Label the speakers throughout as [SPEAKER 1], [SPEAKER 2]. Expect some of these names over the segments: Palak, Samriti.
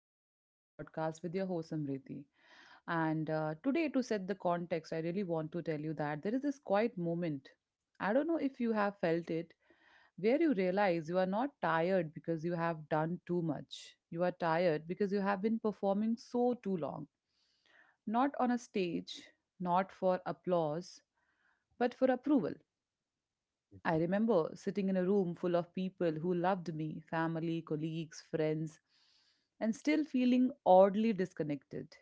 [SPEAKER 1] day, another podcast with your host Samriti. And today, to set the context, I really want to tell you that there is this quiet moment. I don't know if you have felt it, where you realize you are not tired because you have done too much. You are tired because you have been performing so too long. Not on a stage, not for applause, but for approval. I remember sitting in a room full of people who loved me family, colleagues, friends and still feeling oddly disconnected.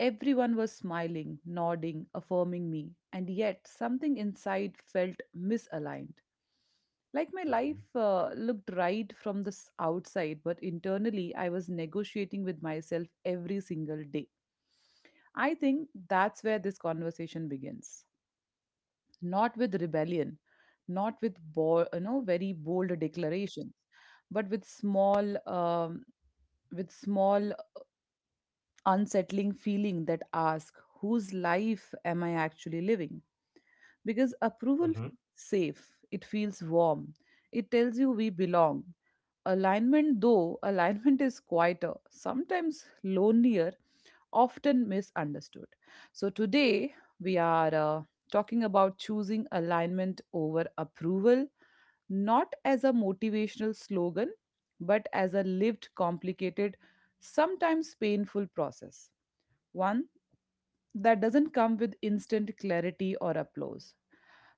[SPEAKER 1] Everyone was smiling, nodding, affirming me, and yet something inside felt misaligned. Like my life
[SPEAKER 2] Mhm,
[SPEAKER 1] looked right from the outside, but internally I was negotiating with myself every single day. I think that's where this conversation begins not with rebellion, not with very bold declarations, but with small unsettling feeling that asks, whose life am I actually living? Because approval
[SPEAKER 2] mhm.
[SPEAKER 1] feels safe, it feels warm, it tells you we belong. Alignment, though, alignment is quieter, sometimes lonelier, often misunderstood. So today we are talking about choosing alignment over approval, not as a motivational slogan, but as a lived, complicated sometimes painful process, one that doesn't come with instant clarity or applause.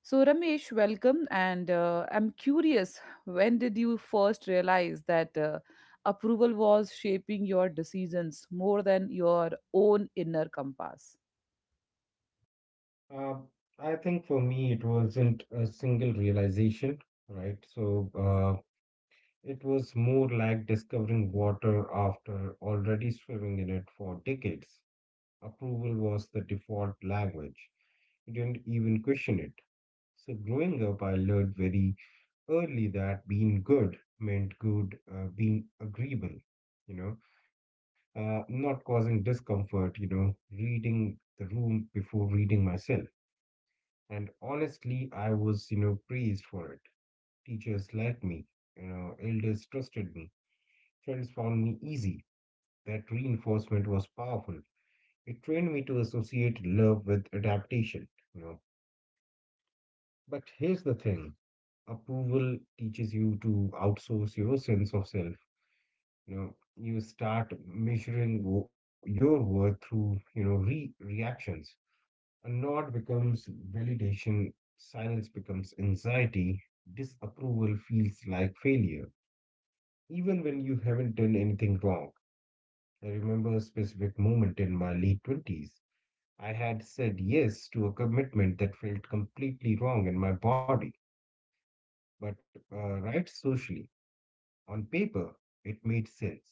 [SPEAKER 1] So, Ramesh, welcome. And I'm curious, when did you first realize that approval was shaping your decisions more than your own inner compass?
[SPEAKER 2] Uh, I think for me, it wasn't a single realization, right? It was more like discovering water after already swimming in it for decades. Approval was the default language. You didn't even question it. So growing up, I learned very early that being good meant being agreeable, you know, not causing discomfort, reading the room before reading myself. And honestly, I was praised for it. Teachers liked me, you know, elders trusted me, friends found me easy. That reinforcement was powerful. It trained me to associate love with adaptation, you know. But here's the thing, approval teaches you to outsource your sense of self. You know, you start measuring your worth through, you know, re reactions. A nod becomes validation, silence becomes anxiety, disapproval feels like failure, even when you haven't done anything wrong. I remember a specific moment in my late 20s. I had said yes to a commitment that felt completely wrong in my body, but right socially, on paper, it made sense.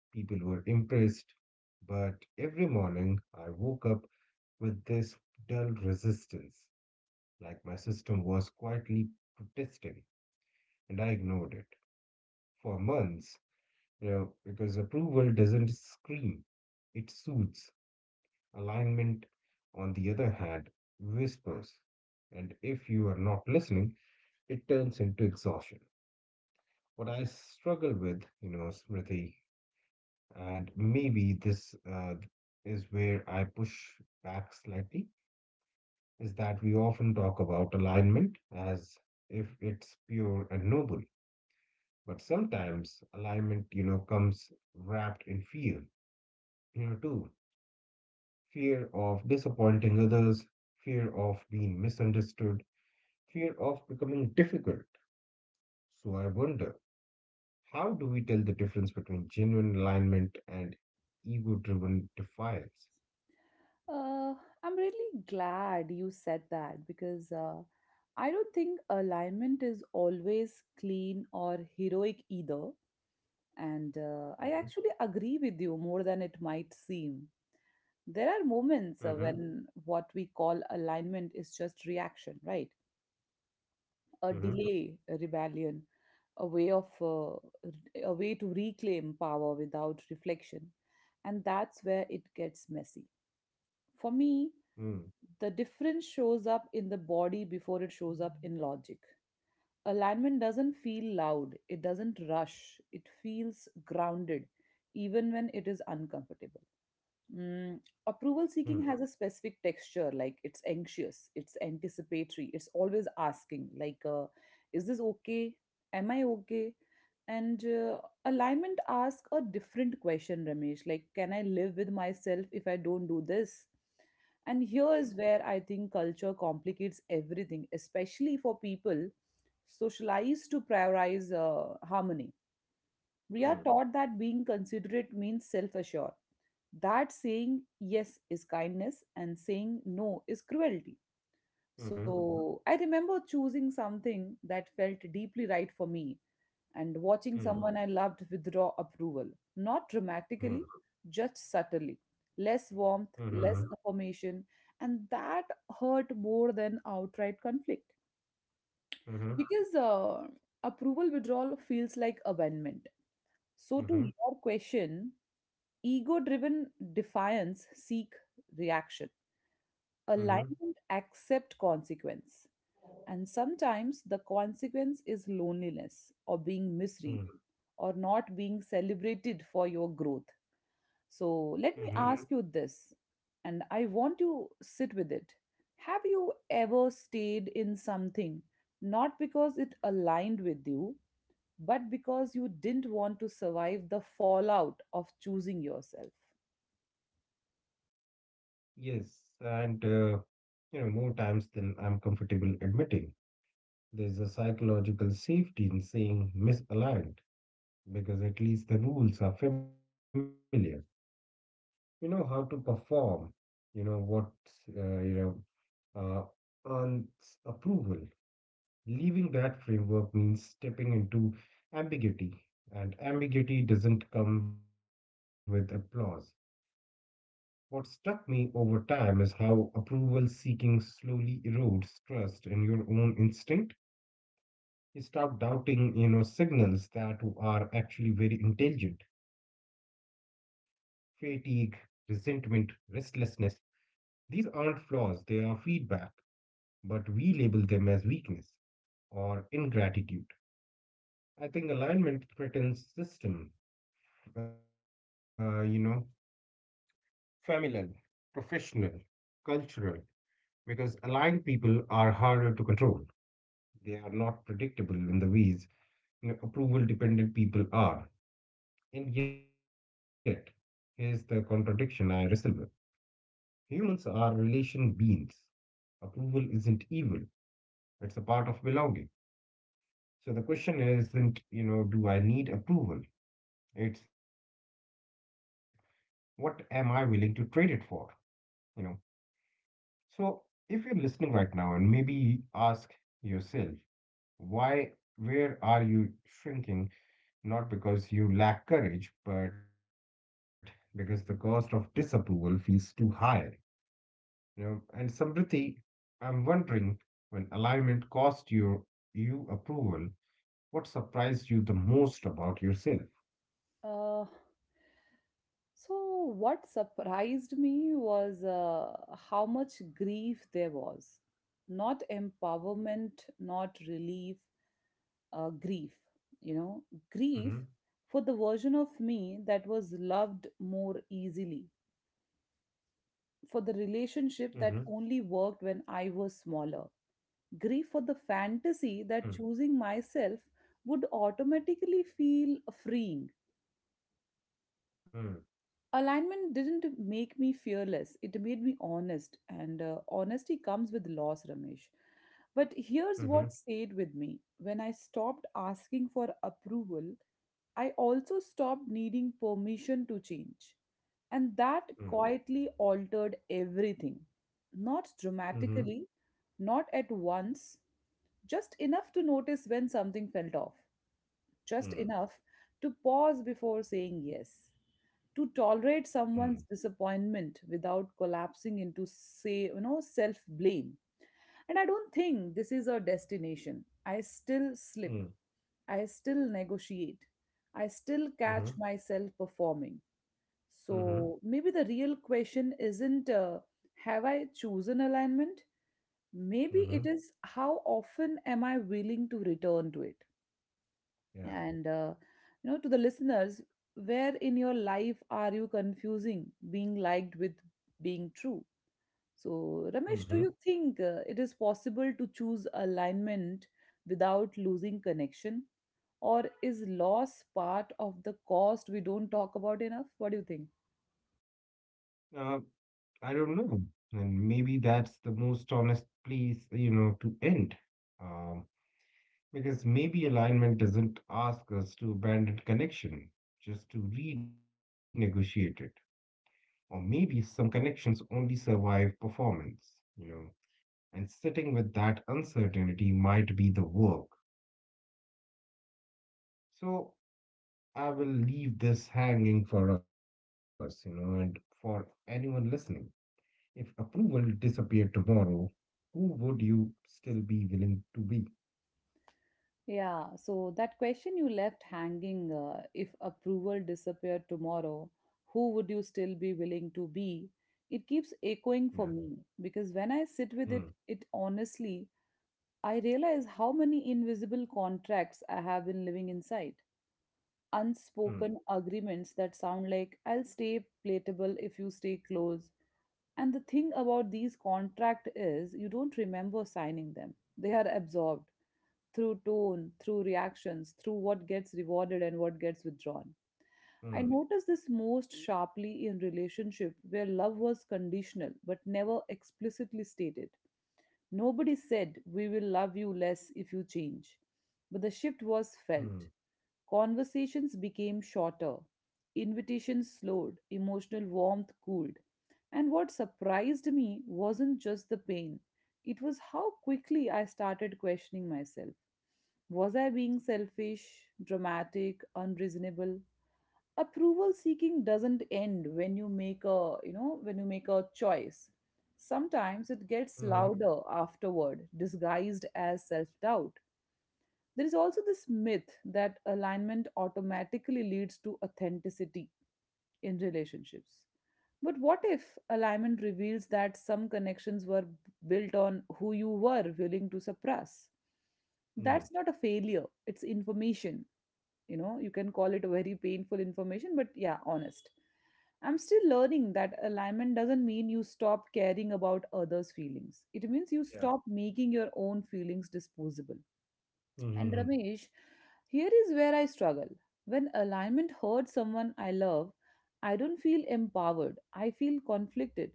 [SPEAKER 2] People were impressed, but every morning I woke up with this dull resistance, like my system was quietly protesting, and I ignored it for months, you know, because approval doesn't scream, it soothes. Alignment, on the other hand, whispers. And if you are not listening, it turns into exhaustion. What I struggle with, you know, Smriti, and maybe this is where I push back slightly, is that we often talk about alignment as if it's pure and noble. But sometimes alignment, you know, comes wrapped in fear, you know, too. Fear of disappointing others, fear of being misunderstood, fear of becoming difficult. So I wonder, how do we tell the difference between genuine alignment and ego driven defiance?
[SPEAKER 1] Uh, I'm really glad you said that because I don't think alignment is always clean or heroic either. And I
[SPEAKER 2] Mm-hmm.
[SPEAKER 1] actually agree with you more than it might seem. There are moments
[SPEAKER 2] Hmm.
[SPEAKER 1] when what we call alignment is just reaction, right? A
[SPEAKER 2] Mm.
[SPEAKER 1] delay, a rebellion, a way of a way to reclaim power without reflection. And that's where it gets messy. For me,
[SPEAKER 2] Mm.
[SPEAKER 1] the difference shows up in the body before it shows up in logic alignment doesn't feel loud, it doesn't rush, it feels grounded, even when it is uncomfortable. Mm, Approval seeking
[SPEAKER 2] Mm.
[SPEAKER 1] has a specific texture, like it's anxious, it's anticipatory, it's always asking, like, is this okay? Am I okay? And alignment asks a different question, Ramesh, like, can I live with myself if I don't do this? And here is where I think culture complicates everything, especially for people socialized to prioritize harmony. We are taught that being considerate means self assured, that saying yes is kindness and saying no is cruelty.
[SPEAKER 2] Mm-hmm.
[SPEAKER 1] So
[SPEAKER 2] Mm.
[SPEAKER 1] I remember choosing something that felt deeply right for me and watching someone I
[SPEAKER 2] Mm-hmm. Hmm.
[SPEAKER 1] loved withdraw approval, not dramatically, just subtly. Less warmth, less
[SPEAKER 2] Hmm.
[SPEAKER 1] affirmation, and that hurt more than outright conflict because approval withdrawal feels like abandonment. So to
[SPEAKER 2] Hmm.
[SPEAKER 1] your
[SPEAKER 2] Hmm.
[SPEAKER 1] question, ego driven defiance seek reaction, alignment
[SPEAKER 2] Hmm.
[SPEAKER 1] accept consequence, and sometimes the consequence is loneliness or being misread
[SPEAKER 2] Hmm.
[SPEAKER 1] or not being celebrated for your growth. So let me
[SPEAKER 2] Hmm.
[SPEAKER 1] Ask you this, and I want you sit with it. Have you ever stayed in something not because it aligned with you, but because you didn't want to survive the fallout of choosing yourself?
[SPEAKER 2] Yes, and you know, more times than I'm comfortable admitting, there's a psychological safety in saying misaligned because at least the rules are familiar. You know how to perform, you know what, uh, you earns approval. Leaving that framework means stepping into ambiguity, and ambiguity doesn't come with applause. What struck me over time is how approval seeking slowly erodes trust in your own instinct. You start doubting, you know, signals that are actually very intelligent. Fatigue, resentment, restlessness. These aren't flaws, they are feedback, but we label them as weakness or ingratitude. I think alignment threatens system, uh, you know, familial, professional, cultural, because aligned people are harder to control. They are not predictable in the ways you know, approval dependent people are. And yet, here's the contradiction I wrestle with, humans are relation beings. Approval isn't evil, it's a part of belonging. So the question isn't, you know, do I need approval? It's, what am I willing to trade it for? You know, so if you're listening right now and maybe ask yourself, Why, where are you shrinking? Not because you lack courage, but because the cost of disapproval feels too high. You know, and Samriti, I'm wondering when alignment cost you approval, what surprised you the most about yourself?
[SPEAKER 1] Uh, so, what surprised me was how much grief there was. Not empowerment, not relief, grief. You know,
[SPEAKER 2] Mm-hmm.
[SPEAKER 1] grief for the version of me that was loved more easily,
[SPEAKER 2] Mm-hmm.
[SPEAKER 1] for the relationship that only worked when I was smaller grief for the
[SPEAKER 2] Mm.
[SPEAKER 1] fantasy that choosing myself would automatically feel freeing.
[SPEAKER 2] Mm.
[SPEAKER 1] Alignment didn't make me fearless, it made me honest, and honesty comes with loss, Ramesh. But
[SPEAKER 2] Mm-hmm.
[SPEAKER 1] here's what stayed with me when I stopped asking for approval, I also stopped needing permission to change. And that
[SPEAKER 2] Mm.
[SPEAKER 1] quietly altered everything. Not
[SPEAKER 2] Mm-hmm.
[SPEAKER 1] dramatically, not at once, just enough to notice when something felt off, just
[SPEAKER 2] Mm.
[SPEAKER 1] enough to pause before saying yes, to
[SPEAKER 2] Mm.
[SPEAKER 1] tolerate someone's disappointment without collapsing into say, self-blame. And I don't think this is a destination. I still
[SPEAKER 2] Mm.
[SPEAKER 1] slip. I still negotiate. I still
[SPEAKER 2] Mm-hmm.
[SPEAKER 1] catch myself performing.
[SPEAKER 2] Mm-hmm.
[SPEAKER 1] So maybe the real question isn't have I chosen alignment? Maybe
[SPEAKER 2] Mm-hmm.
[SPEAKER 1] it is how often am I willing to return to it?
[SPEAKER 2] Yeah.
[SPEAKER 1] And to the listeners, where in your life are you confusing being liked with being true?
[SPEAKER 2] Mm-hmm.
[SPEAKER 1] So, Ramesh, do you think it is possible to choose alignment without losing connection? Or is loss part of the cost we don't talk about enough? What do you think?
[SPEAKER 2] I don't know. And maybe that's the most honest place, you know, to end. Um, because maybe alignment doesn't ask us to abandon connection, just to renegotiate it. Or maybe some connections only survive performance, you know, and sitting with that uncertainty might be the work. So I will leave this hanging for us, you know, and for anyone listening. If approval disappeared tomorrow, who would you still be willing to be?
[SPEAKER 1] Yeah, so that question you left hanging if approval disappeared tomorrow, who would you still be willing to be? It keeps
[SPEAKER 2] Yeah.
[SPEAKER 1] echoing for me because when I
[SPEAKER 2] Mm.
[SPEAKER 1] sit with it, it honestly, I realize how many invisible contracts I have been living inside.
[SPEAKER 2] Mm.
[SPEAKER 1] Unspoken agreements that sound like I'll stay platable if you stay close. And the thing about these contract is you don't remember signing them. They are absorbed through tone, through reactions, through what gets rewarded and what gets withdrawn. I
[SPEAKER 2] Mm.
[SPEAKER 1] noticed this most sharply in relationship where love was conditional but never explicitly stated. Nobody said, we will love you less if you change. But the shift was
[SPEAKER 2] Mm.
[SPEAKER 1] felt. Conversations became shorter, invitations slowed, emotional warmth cooled. And what surprised me wasn't just the pain, it was how quickly I started questioning myself. Was I being selfish, dramatic, unreasonable? Approval seeking doesn't end when you make a, when you make a choice. Sometimes it
[SPEAKER 2] Mm-hmm.
[SPEAKER 1] gets louder afterward, disguised as self-doubt. There is also this myth that alignment automatically leads to authenticity in relationships. But what if alignment reveals that some connections were built on who you were willing to suppress?
[SPEAKER 2] Mm.
[SPEAKER 1] That's not a failure, it's information. You know you can call it a very painful information but yeah honest. I'm still learning that alignment doesn't mean you stop caring about others feelings, it means you
[SPEAKER 2] Yeah.
[SPEAKER 1] stop making your own feelings disposable. And
[SPEAKER 2] Mm-hmm.
[SPEAKER 1] Ramesh, here is where I struggle. When alignment hurts someone I love, I don't feel empowered, I feel conflicted.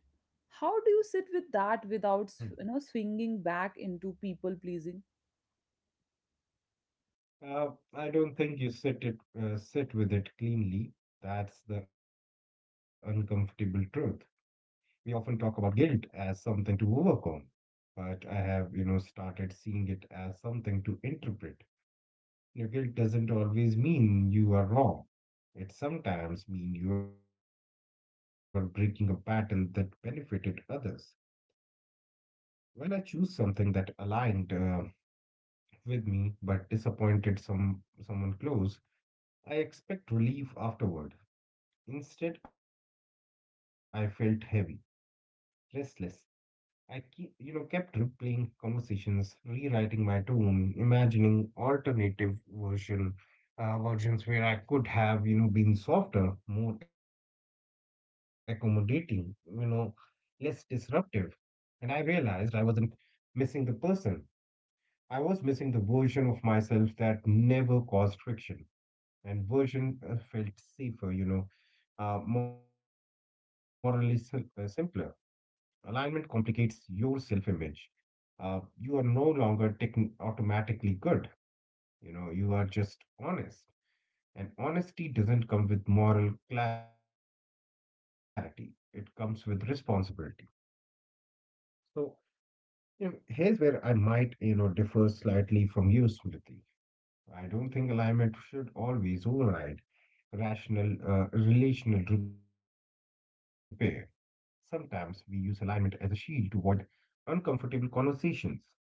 [SPEAKER 1] How do you
[SPEAKER 2] Mm.
[SPEAKER 1] sit with that without swinging back into people pleasing?
[SPEAKER 2] Uh, I don't think you sit it sit with it cleanly. That's the uncomfortable truth. We often talk about guilt as something to overcome, but I have, you know, started seeing it as something to interpret. Your guilt doesn't always mean you are wrong. It sometimes means you are breaking a pattern that benefited others. When I choose something that aligned with me but disappointed someone close, I expect relief afterward. Instead, I felt heavy, restless, I kept replaying conversations, rewriting my tone, imagining versions where I could have, you know, been softer, more accommodating, you know, less disruptive. And I realized I wasn't missing the person. I was missing the version of myself that never caused friction. And version felt safer, you know, simpler. Alignment complicates your self image, you are no longer techn automatically good. You know, you are just honest. And honesty doesn't come with moral clarity, it comes with responsibility. So, you know, here's where I might, you know, differ slightly from you, Smriti. I don't think alignment should always override relational repair. Sometimes we use alignment as a shield to avoid uncomfortable conversations,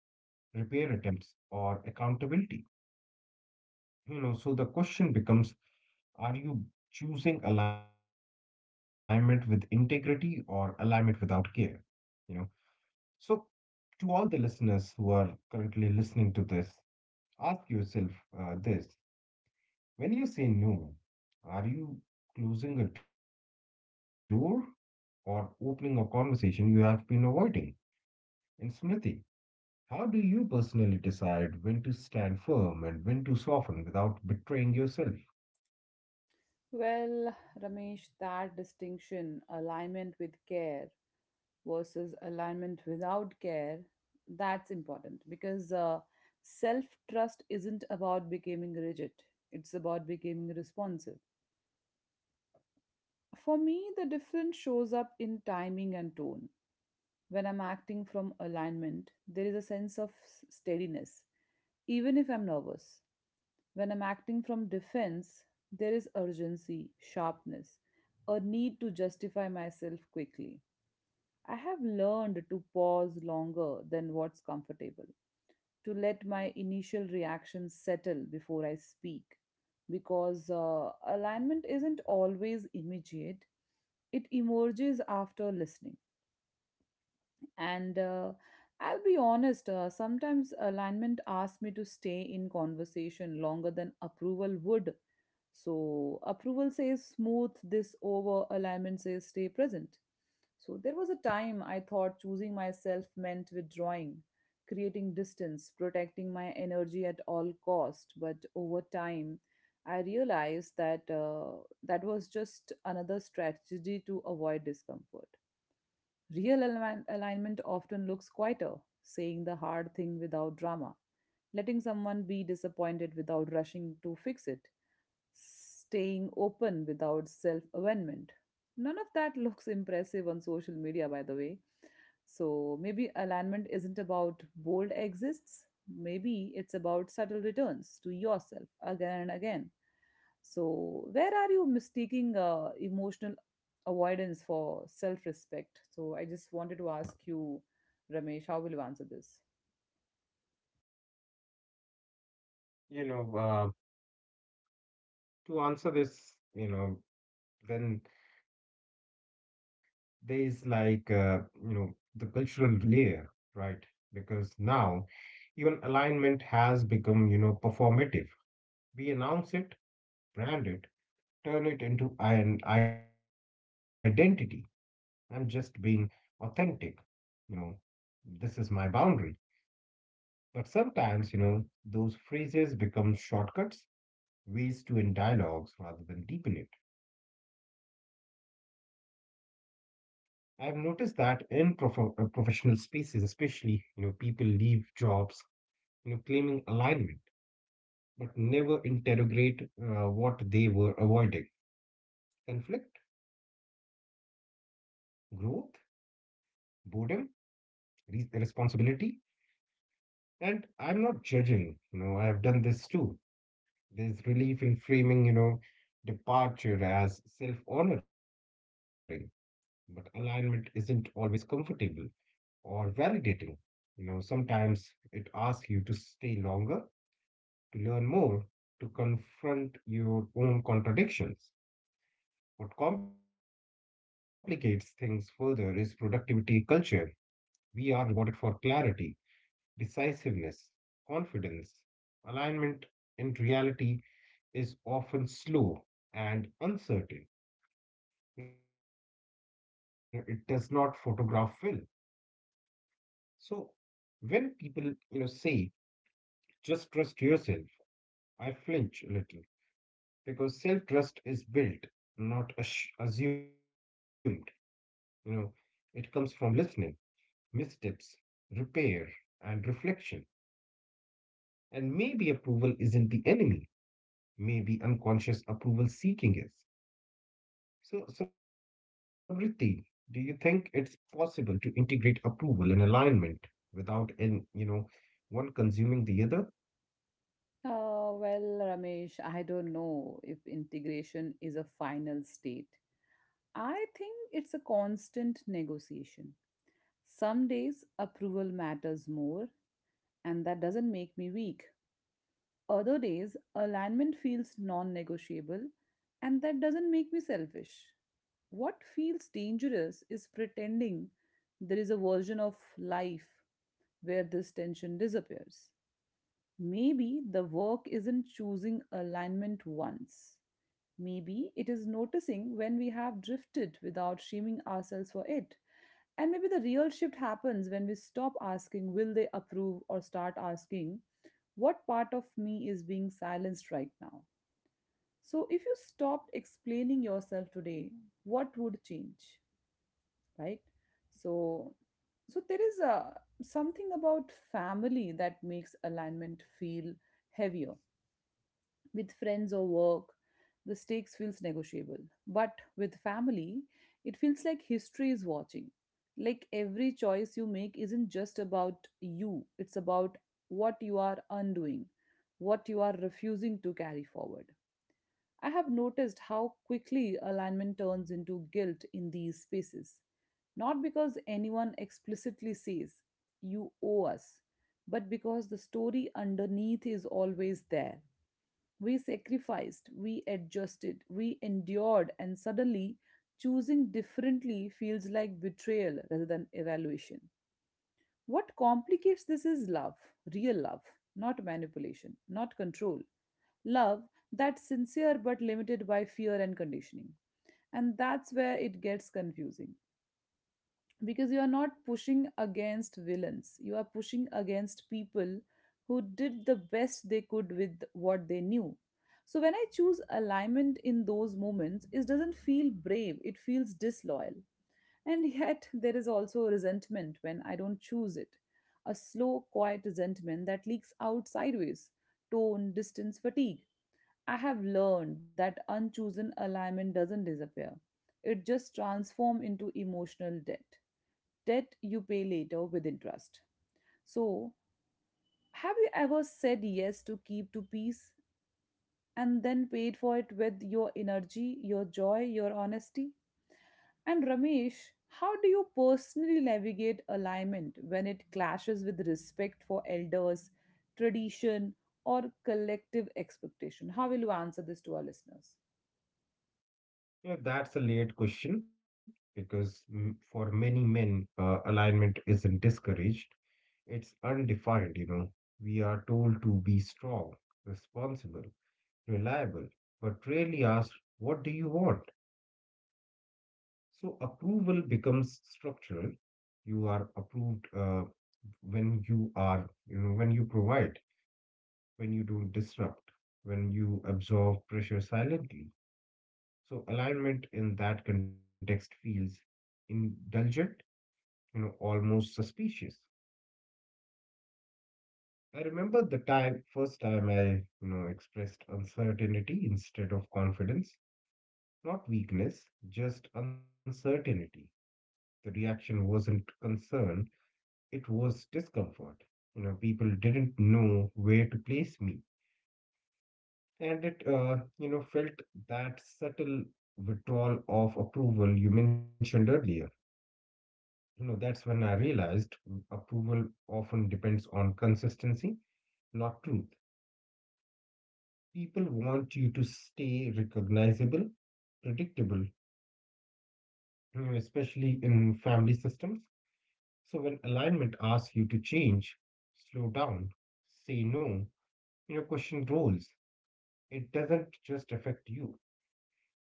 [SPEAKER 2] repair attempts, or accountability. You know, so the question becomes, are you choosing alignment with integrity or alignment without care? You know, so to all the listeners who are currently listening to this, ask yourself this. When you say no, are you closing a door or opening a conversation you have been avoiding? And Smriti, how do you personally decide when to stand firm and when to soften without betraying yourself?
[SPEAKER 1] Well, Ramesh, that distinction, alignment with care versus alignment without care, that's important because self trust isn't about becoming rigid, it's about becoming responsive. For me, the difference shows up in timing and tone. When I'm acting from alignment, there is a sense of steadiness, even if I'm nervous. When I'm acting from defense, there is urgency, sharpness, a need to justify myself quickly. I have learned to pause longer than what's comfortable, to let my initial reactions settle before I speak, because alignment isn't always immediate, it emerges after listening. And I'll be honest, sometimes alignment asks me to stay in conversation longer than approval would. So approval says smooth this over, alignment says stay present. So there was a time I thought choosing myself meant withdrawing, creating distance, protecting my energy at all cost. But over time, I realized that was just another strategy to avoid discomfort. Real alignment often looks quieter, saying the hard thing without drama, letting someone be disappointed without rushing to fix it, staying open without self avenment. None of that looks impressive on social media, by the way. So maybe alignment isn't about bold exits, maybe it's about subtle returns to yourself again and again. So, where are you mistaking emotional avoidance for self respect? So, I just wanted to ask you, Ramesh, how will you answer this?
[SPEAKER 2] You know, uh, to answer this, you know, then there is like, you know, the cultural layer, right? Because now even alignment has become, you know, performative. We announce it, brand it, turn it into an identity. I'm just being authentic, you know, this is my boundary. But sometimes, you know, those phrases become shortcuts, ways to end dialogues rather than deepen it. I've noticed that in professional spaces, especially, you know, people leave jobs, you know, claiming alignment, but never interrogate what they were avoiding. Conflict, growth, boredom, responsibility. And I'm not judging, you know, I've done this too. There's relief in framing, you know, departure as self honoring, but alignment isn't always comfortable or validating. You know, sometimes it asks you to stay longer, to learn more, to confront your own contradictions. What complicates things further is productivity culture. We are rewarded for clarity, decisiveness, confidence. Alignment in reality is often slow and uncertain. You know, it does not photograph well. So when people, you know, say, just trust yourself, I flinch a little because self trust is built, not assumed. You know, it comes from listening, missteps, repair, and reflection. And maybe approval isn't the enemy. Maybe unconscious approval seeking is. So, Samriti, do you think it's possible to integrate approval and alignment without, in, you know, one consuming the other?
[SPEAKER 1] Well, Ramesh, I don't know if integration is a final state. I think it's a constant negotiation. Some days approval matters more, and that doesn't make me weak. Other days, alignment feels non negotiable, and that doesn't make me selfish. What feels dangerous is pretending there is a version of life where this tension disappears. Maybe the work isn't choosing alignment once. Maybe it is noticing when we have drifted without shaming ourselves for it. And maybe the real shift happens when we stop asking, will they approve, or start asking, what part of me is being silenced right now? So, if you stopped explaining yourself today, what would change, right? So, so there is a something about family that makes alignment feel heavier with friends or work, the stakes feels negotiable. But with family, it feels like history is watching. Like every choice you make isn't just about you, it's about what you are undoing, what you are refusing to carry forward. I have noticed how quickly alignment turns into guilt in these spaces. Not because anyone explicitly says, you owe us, but because the story underneath is always there. We sacrificed, we adjusted, we endured, and suddenly choosing differently feels like betrayal rather than evaluation. What complicates this is love, real love, not manipulation, not control. Love that's sincere but limited by fear and conditioning. And that's where it gets confusing because you are not pushing against villains, you are pushing against people who did the best they could with what they knew. So when I choose alignment in those moments, it doesn't feel brave, it feels disloyal. And yet there is also resentment when I don't choose it, a slow, quiet resentment that leaks out sideways: tone, distance, fatigue. I have learned that unchosen alignment doesn't disappear, it just transforms into emotional debt, debt you pay later with interest. So, have you ever said yes to keep to peace and then paid for it with your energy, your joy, your honesty? And Ramesh, how do you personally navigate alignment when it clashes with respect for elders, tradition, or collective expectation? How will you answer this to our listeners?
[SPEAKER 2] Yeah, that's a layered question because for many men, alignment isn't discouraged, it's undefined, you know. We are told to be strong, responsible, reliable, but rarely asked, what do you want? So approval becomes structural. You are approved when you are, you know, when you provide, when you don't disrupt, when you absorb pressure silently. So alignment in that context feels indulgent, you know, almost suspicious. I remember the time, first time, you know, expressed uncertainty instead of confidence, not weakness, just uncertainty. The reaction wasn't concern, it was discomfort. You know, people didn't know where to place me. And it, you know, felt that subtle withdrawal of approval you mentioned earlier. You know, that's when I realized approval often depends on consistency, not truth. People want you to stay recognizable, predictable, especially in family systems. So when alignment asks you to change, slow down, say no, you know, question roles, it doesn't just affect you.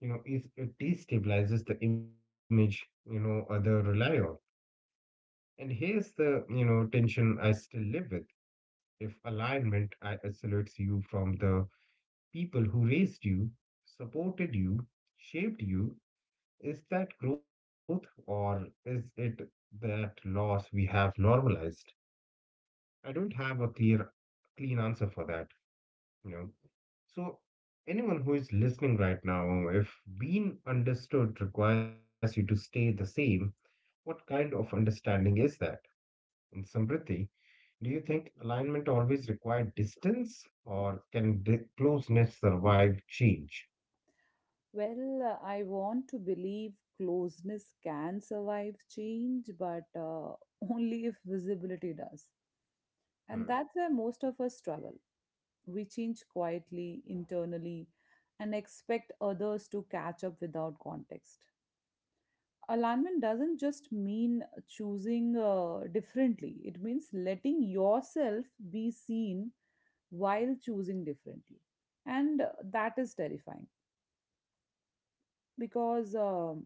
[SPEAKER 2] You know, it destabilizes the image, you know, other rely on. And here's the, you know, tension I still live with. If alignment isolates you from the people who raised you, supported you, shaped you, is that growth or is it that loss we have normalized? I don't have a clean answer for that, you know. So, anyone who is listening right now, if being understood requires you to stay the same, what kind of understanding is that? In Samriti, do you think alignment always required distance or can closeness survive change?
[SPEAKER 1] Well, I want to believe closeness can survive change, but only if visibility does.
[SPEAKER 2] Hmm.
[SPEAKER 1] And that's where most of us struggle. We change quietly, internally, and expect others to catch up without context. Alignment doesn't just mean choosing differently, it means letting yourself be seen while choosing differently. And that is terrifying because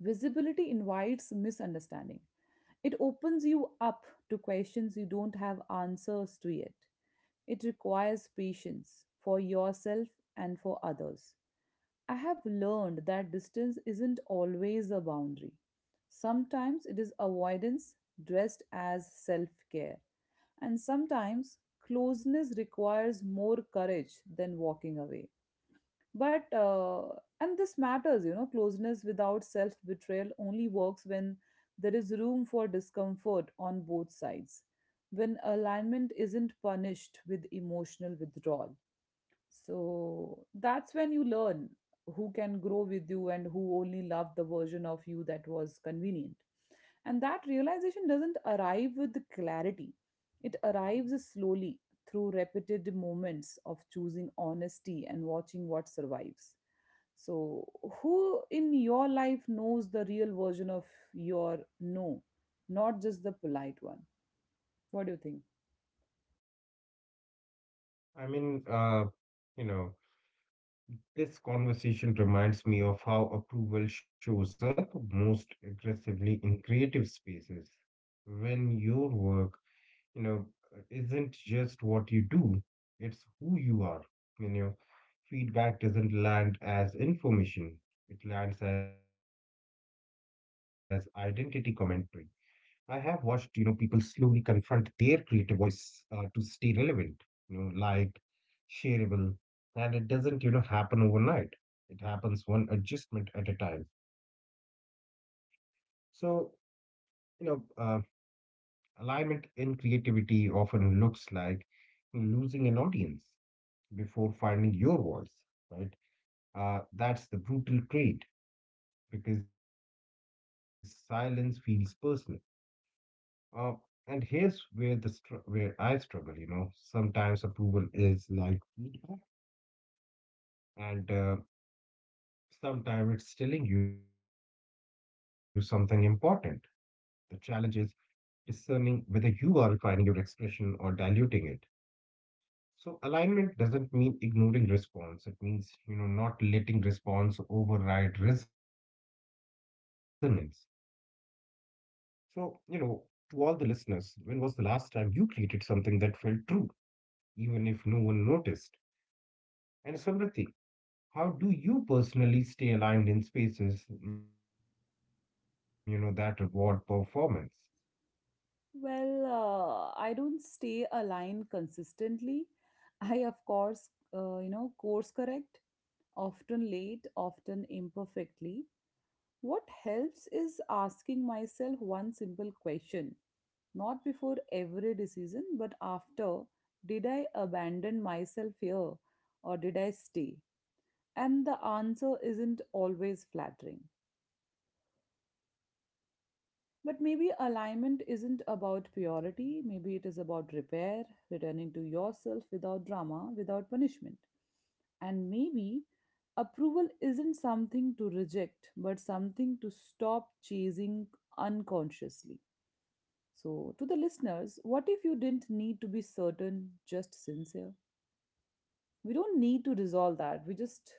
[SPEAKER 1] visibility invites misunderstanding. It opens you up to questions you don't have answers to yet. It requires patience for yourself and for others. I have learned that distance isn't always a boundary. Sometimes it is avoidance dressed as self care. And sometimes closeness requires more courage than walking away, but and this matters, you know, closeness without self betrayal only works when there is room for discomfort on both sides, when alignment isn't punished with emotional withdrawal. So that's when you learn who can grow with you and who only loved the version of you that was convenient. And that realization doesn't arrive with clarity, it arrives slowly through repeated moments of choosing honesty and watching what survives. So, who in your life knows the real version of your no, not just the polite one? What do you think?
[SPEAKER 2] I mean, you know, this conversation reminds me of how approval shows up most aggressively in creative spaces. When your work, you know, isn't just what you do, it's who you are. You know, feedback doesn't land as information, it lands as identity commentary. I have watched, you know, people slowly confront their creative voice to stay relevant. You know, like shareable, and it doesn't, you know, happen overnight. It happens one adjustment at a time. So, you know, alignment in creativity often looks like losing an audience before finding your voice, right? That's the brutal trait because silence feels personal. Uh, and here's where where I struggle, Sometimes approval is like feedback, and sometimes it's telling you something important. The challenge is discerning whether you are refining your expression or diluting it. So alignment doesn't mean ignoring response. It means, not letting response override resonance. So, you know, to all the listeners, when was the last time you created something that felt true, even if no one noticed? And Samriti, how do you personally stay aligned in spaces, that reward performance?
[SPEAKER 1] Well, I don't stay aligned consistently. I, of course, course correct, often late, often imperfectly. What helps is asking myself one simple question, not before every decision, but after: did I abandon myself here or did I stay? And the answer isn't always flattering. But maybe alignment isn't about purity, maybe it is about repair, returning to yourself without drama, without punishment. And maybe approval isn't something to reject, but something to stop chasing unconsciously. So, to the listeners, what if you didn't need to be certain, just sincere? We don't need to resolve that. We just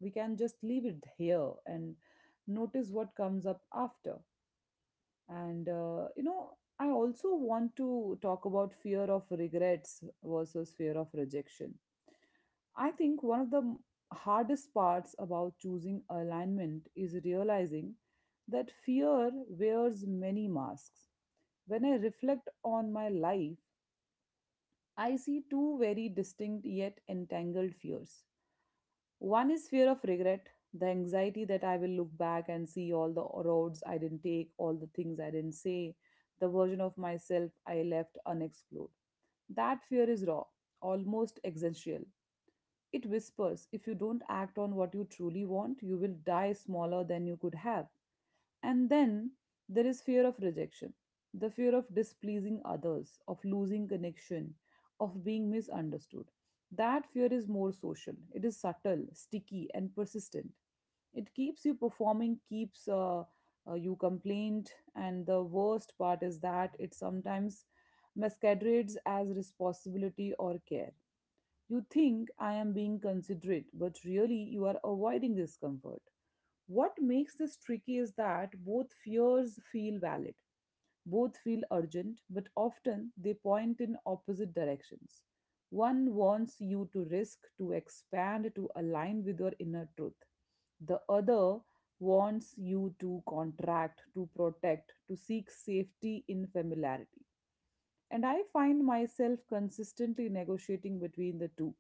[SPEAKER 1] we can just leave it here and notice what comes up after. And I also want to talk about fear of regrets versus fear of rejection. I think one of the hardest parts about choosing alignment is realizing that fear wears many masks. When I reflect on my life, I see two very distinct yet entangled fears. One is fear of regret, the anxiety that I will look back and see all the roads I didn't take, all the things I didn't say, the version of myself I left unexplored. That fear is raw, almost existential. It whispers, if you don't act on what you truly want, you will die smaller than you could have. And then there is fear of rejection, the fear of displeasing others, of losing connection, of being misunderstood. That fear is more social, it is subtle, sticky, and persistent. It keeps you performing, keeps you complaint, and the worst part is that it sometimes masquerades as responsibility or care. You think I am being considerate, but really you are avoiding discomfort. What makes this tricky is that both fears feel valid, both feel urgent, but often they point in opposite directions. One wants you to risk, to expand, to align with your inner truth. The other wants you to contract, to protect, to seek safety in familiarity. And I find myself consistently negotiating between the two.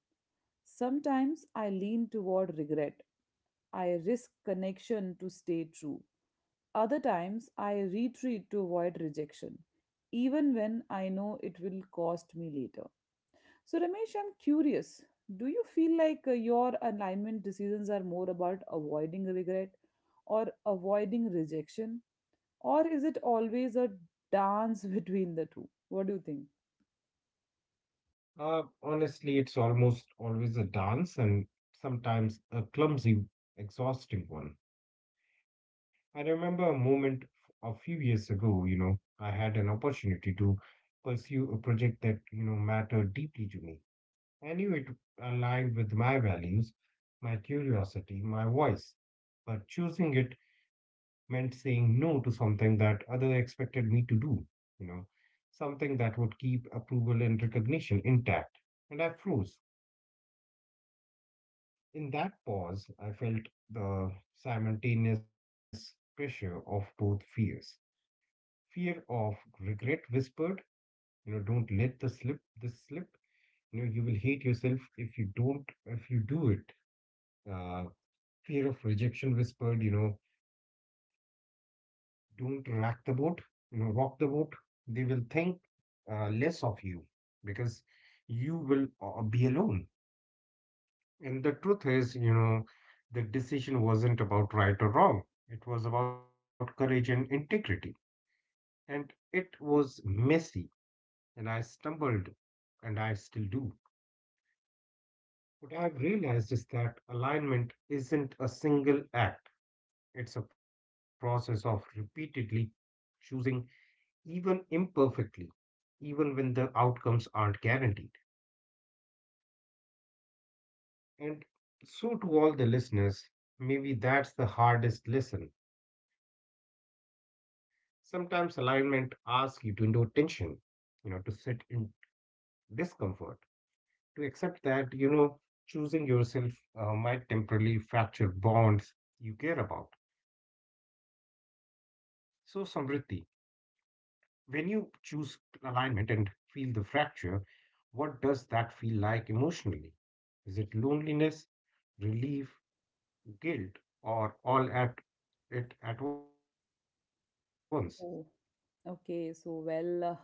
[SPEAKER 1] Sometimes I lean toward regret. I risk connection to stay true. Other times I retreat to avoid rejection, even when I know it will cost me later. So, Ramesh, I'm curious. Do you feel like your alignment decisions are more about avoiding regret or avoiding rejection? Or is it always a dance between the two? What do you think?
[SPEAKER 2] Honestly, it's almost always a dance, and sometimes a clumsy, exhausting one. I remember a moment a few years ago, I had an opportunity to pursue a project that, mattered deeply to me. I knew it aligned with my values, my curiosity, my voice. But choosing it meant saying no to something that others expected me to do, you know, something that would keep approval and recognition intact. And I froze. In that pause, I felt the simultaneous pressure of both fears. Fear of regret whispered, don't let the slip this slip. You know you will hate yourself if you do it. Uh, Fear of rejection whispered, don't rock the boat, rock the boat. They will think less of you because you will be alone. And the truth is, the decision wasn't about right or wrong. It was about courage and integrity. And it was messy. And I stumbled, and I still do. What I've realized is that alignment isn't a single act, it's a process of repeatedly choosing, even imperfectly, even when the outcomes aren't guaranteed. And so, to all the listeners, maybe that's the hardest lesson. Sometimes alignment asks you to endure tension, to sit in discomfort, to accept that, choosing yourself might temporarily fracture bonds you care about. So, Samriddhi, when you choose alignment and feel the fracture, what does that feel like emotionally? Is it loneliness, relief, guilt, or all at it at once?
[SPEAKER 1] Oh, okay. So, well,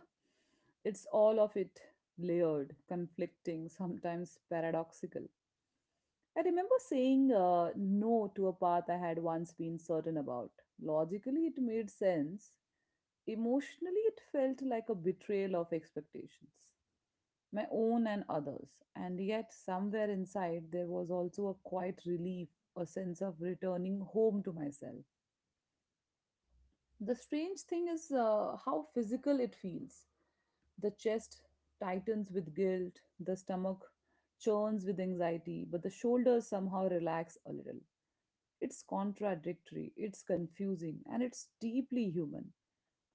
[SPEAKER 1] it's all of it, layered, conflicting, sometimes paradoxical. I remember saying no to a path I had once been certain about. Logically, it made sense. Emotionally, it felt like a betrayal of expectations, my own and others. And yet, somewhere inside, there was also a quiet relief, a sense of returning home to myself. The strange thing is how physical it feels. The chest tightens with guilt, the stomach churns with anxiety, but the shoulders somehow relax a little. It's contradictory, it's confusing, and it's deeply human.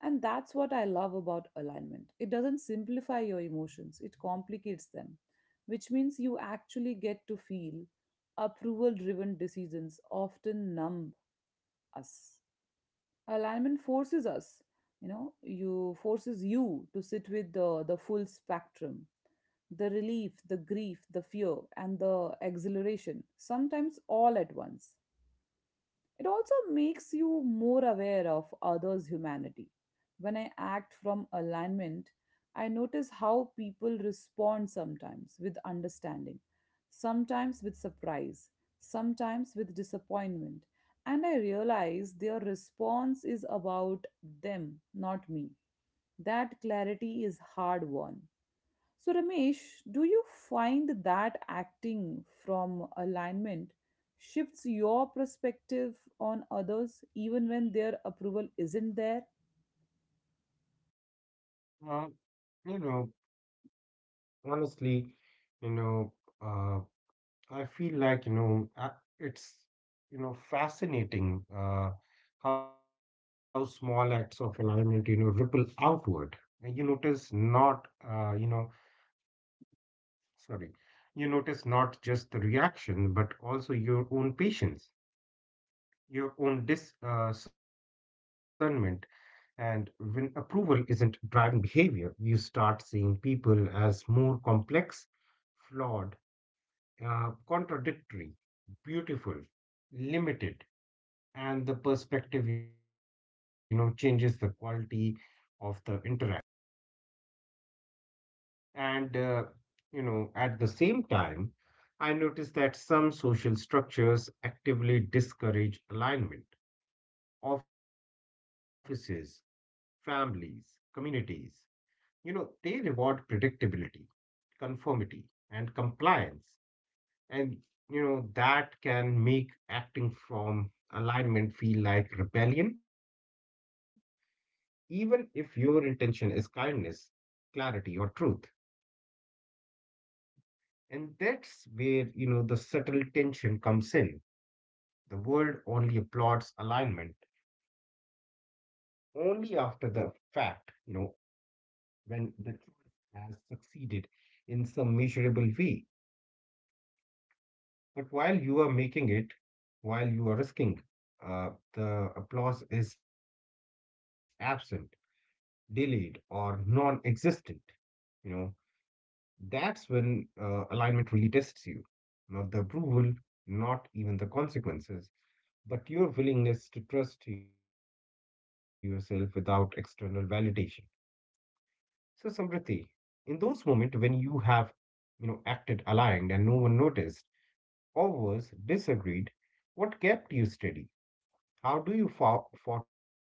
[SPEAKER 1] And that's what I love about alignment. It doesn't simplify your emotions, it complicates them, which means you actually get to feel. Approval driven decisions often numb us, alignment forces us, you know, you forces you to sit with the full spectrum, the relief, the grief, the fear, and the exhilaration, sometimes all at once. It also makes you more aware of others' humanity. When I act from alignment, I notice how people respond, sometimes with understanding, sometimes with surprise, sometimes with disappointment, and I realize their response is about them, not me. That clarity is hard won. So, Ramesh, do you find that acting from alignment shifts your perspective on others even when their approval isn't there?
[SPEAKER 2] Well, you know, honestly, you know, uh, I feel like, it's, fascinating how small acts of alignment, ripple outward. And you notice not, you know, Sorry. You notice not just the reaction, but also your own patience, your own discernment. And when approval isn't driving behavior, you start seeing people as more complex, flawed, contradictory, beautiful, limited. And the perspective, changes the quality of the interaction. And at the same time, I noticed that some social structures actively discourage alignment. Offices, families, communities, they reward predictability, conformity, and compliance. And that can make acting from alignment feel like rebellion, even if your intention is kindness, clarity, or truth. And that's where, the subtle tension comes in. The world only applauds alignment only after the fact, when the choice has succeeded in some measurable way. But while you are making it, while you are risking, uh, the applause is absent, delayed, or non existent. You know, that's when alignment really tests you, not the approval, not even the consequences, but your willingness to trust yourself without external validation. So, Samriti, in those moments when you have, acted aligned and no one noticed, or was disagreed, what kept you steady? How do you fought those?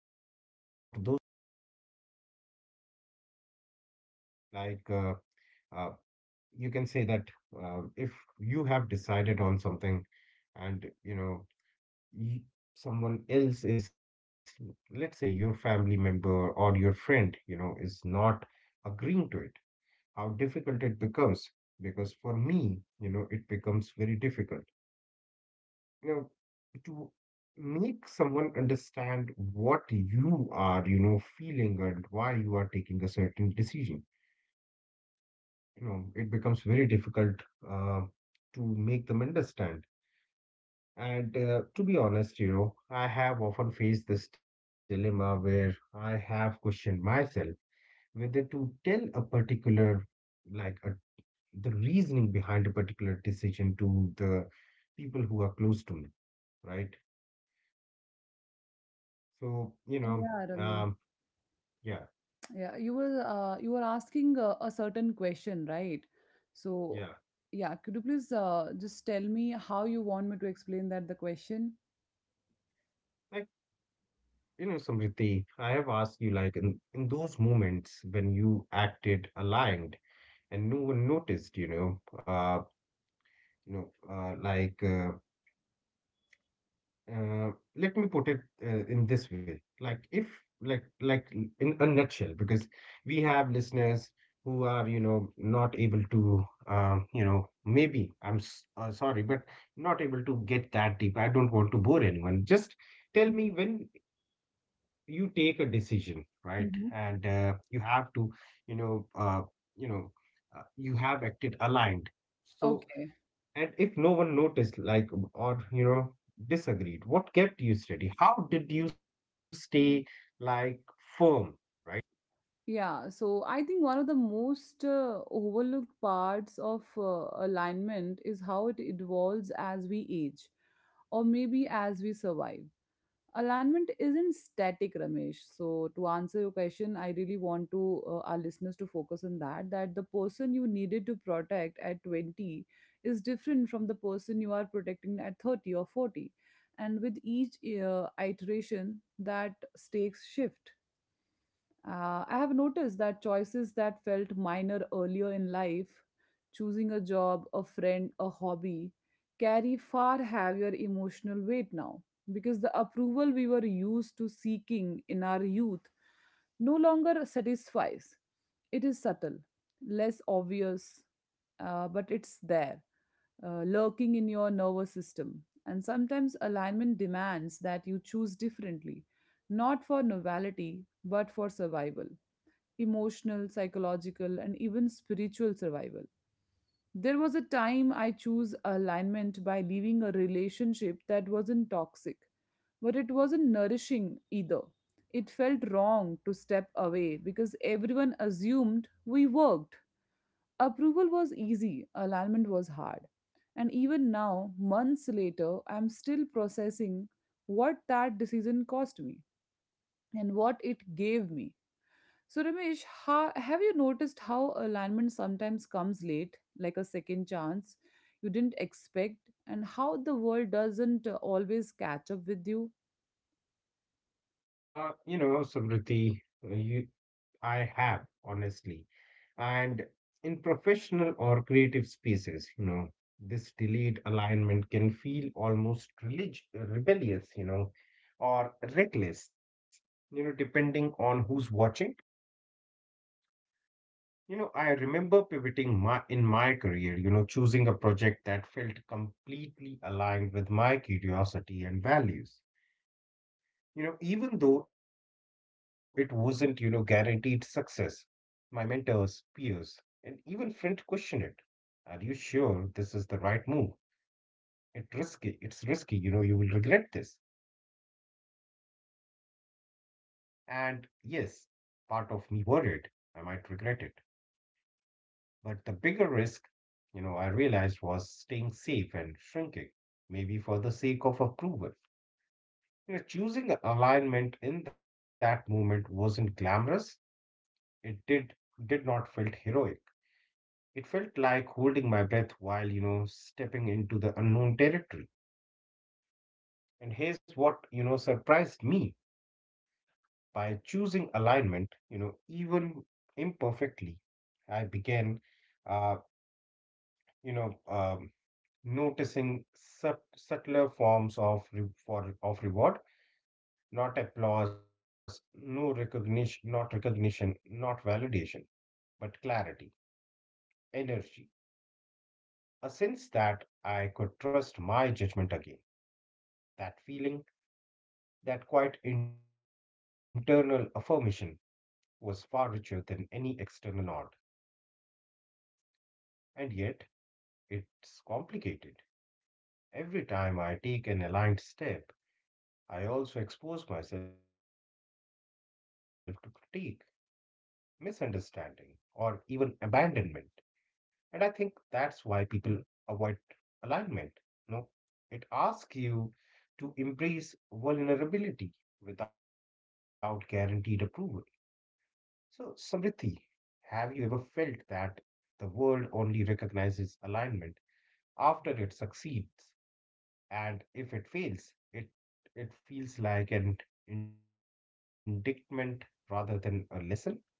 [SPEAKER 2] Like, uh, uh, you can say that if you have decided on something, and you know, y someone else is, let's say, your family member or your friend, is not agreeing to it, how difficult it becomes. Because for me it becomes very difficult, you know to make someone understand what you are feeling and why you are taking a certain decision. It becomes very difficult uh, to make them understand. And to be honest, I have often faced this dilemma where I have questioned myself whether to tell a particular, like a the reasoning behind a particular decision to the people who are close to me, right? So, you know,
[SPEAKER 1] Yeah, Ramesh.
[SPEAKER 2] um, yeah,
[SPEAKER 1] Yeah, you were asking a certain question, right? So,
[SPEAKER 2] yeah.
[SPEAKER 1] yeah, could you please just tell me how you want me to explain that the question?
[SPEAKER 2] Like, Samriti, I have asked you, like, in those moments when you acted aligned and no one noticed, you know, like, let me put it in this way. Like if like like in a nutshell, because we have listeners who are, not able to, maybe I'm s sorry, but not able to get that deep. I don't want to bore anyone. Just tell
[SPEAKER 1] Mhm,
[SPEAKER 2] me, when you take a decision, right? And
[SPEAKER 1] mhm.
[SPEAKER 2] you have to, you know, uh, you know, you have acted aligned. So,
[SPEAKER 1] Okay.
[SPEAKER 2] and if no one noticed, like, or, disagreed, what kept you steady? How did you stay, like, firm, right?
[SPEAKER 1] Yeah, so I think one of the most overlooked parts of alignment is how it evolves as we age, or maybe as we survive. Alignment isn't static, Ramesh. So to answer your question, I really want to, our listeners to focus on that, that the person you needed to protect at 20 is different from the person you are protecting at 30 or 40. And with each iteration, that stakes shift. I have noticed that choices that felt minor earlier in life, choosing a job, a friend, a hobby, carry far heavier emotional weight now because the approval we were used to seeking in our youth no longer satisfies. It is subtle, less obvious, but it's there, lurking in your nervous system. And sometimes alignment demands that you choose differently, not for novelty, but for survival, emotional, psychological, and even spiritual survival. There was a time I chose alignment by leaving a relationship that wasn't toxic, but it wasn't nourishing either. It felt wrong to step away because everyone assumed we worked. Approval was easy, alignment was hard. And even now, months later, I'm still processing what that decision cost me and what it gave me. So, Ramesh, how, have you noticed how alignment sometimes comes late, like a second chance you didn't expect, and how the world doesn't always catch up with you?
[SPEAKER 2] Samriti, you, I have, honestly. And in professional or creative spaces, this delayed alignment can feel almost rebellious, or reckless, depending on who's watching. You know, I remember pivoting my career, choosing a project that felt completely aligned with my curiosity and values. Even though it wasn't, guaranteed success, my mentors, peers, and even friends questioned it. Are you sure this is the right move? It's risky. It's risky. You know, you will regret this. And yes, part of me worried I might regret it. But the bigger risk, I realized was staying safe and shrinking, maybe for the sake of approval. You know, choosing alignment in that moment wasn't glamorous. It did not feel heroic. It felt like holding my breath while, stepping into the unknown territory. And here's what, surprised me. By choosing alignment, even imperfectly, I began, uh, you know, um, noticing subtler forms of reward, not applause, not recognition, not validation, but clarity, energy, a sense that I could trust my judgment again. That feeling, that quiet internal affirmation, was far richer than any external nod, and yet it's complicated. Every time I take an aligned step, I also expose myself to critique, misunderstanding, or even abandonment. And I think that's why people avoid alignment. You know, it asks you to embrace vulnerability without guaranteed approval. So, Samriddhi, have you ever felt that the world only recognizes alignment after it succeeds? And if it fails, it feels like an indictment rather than a lesson?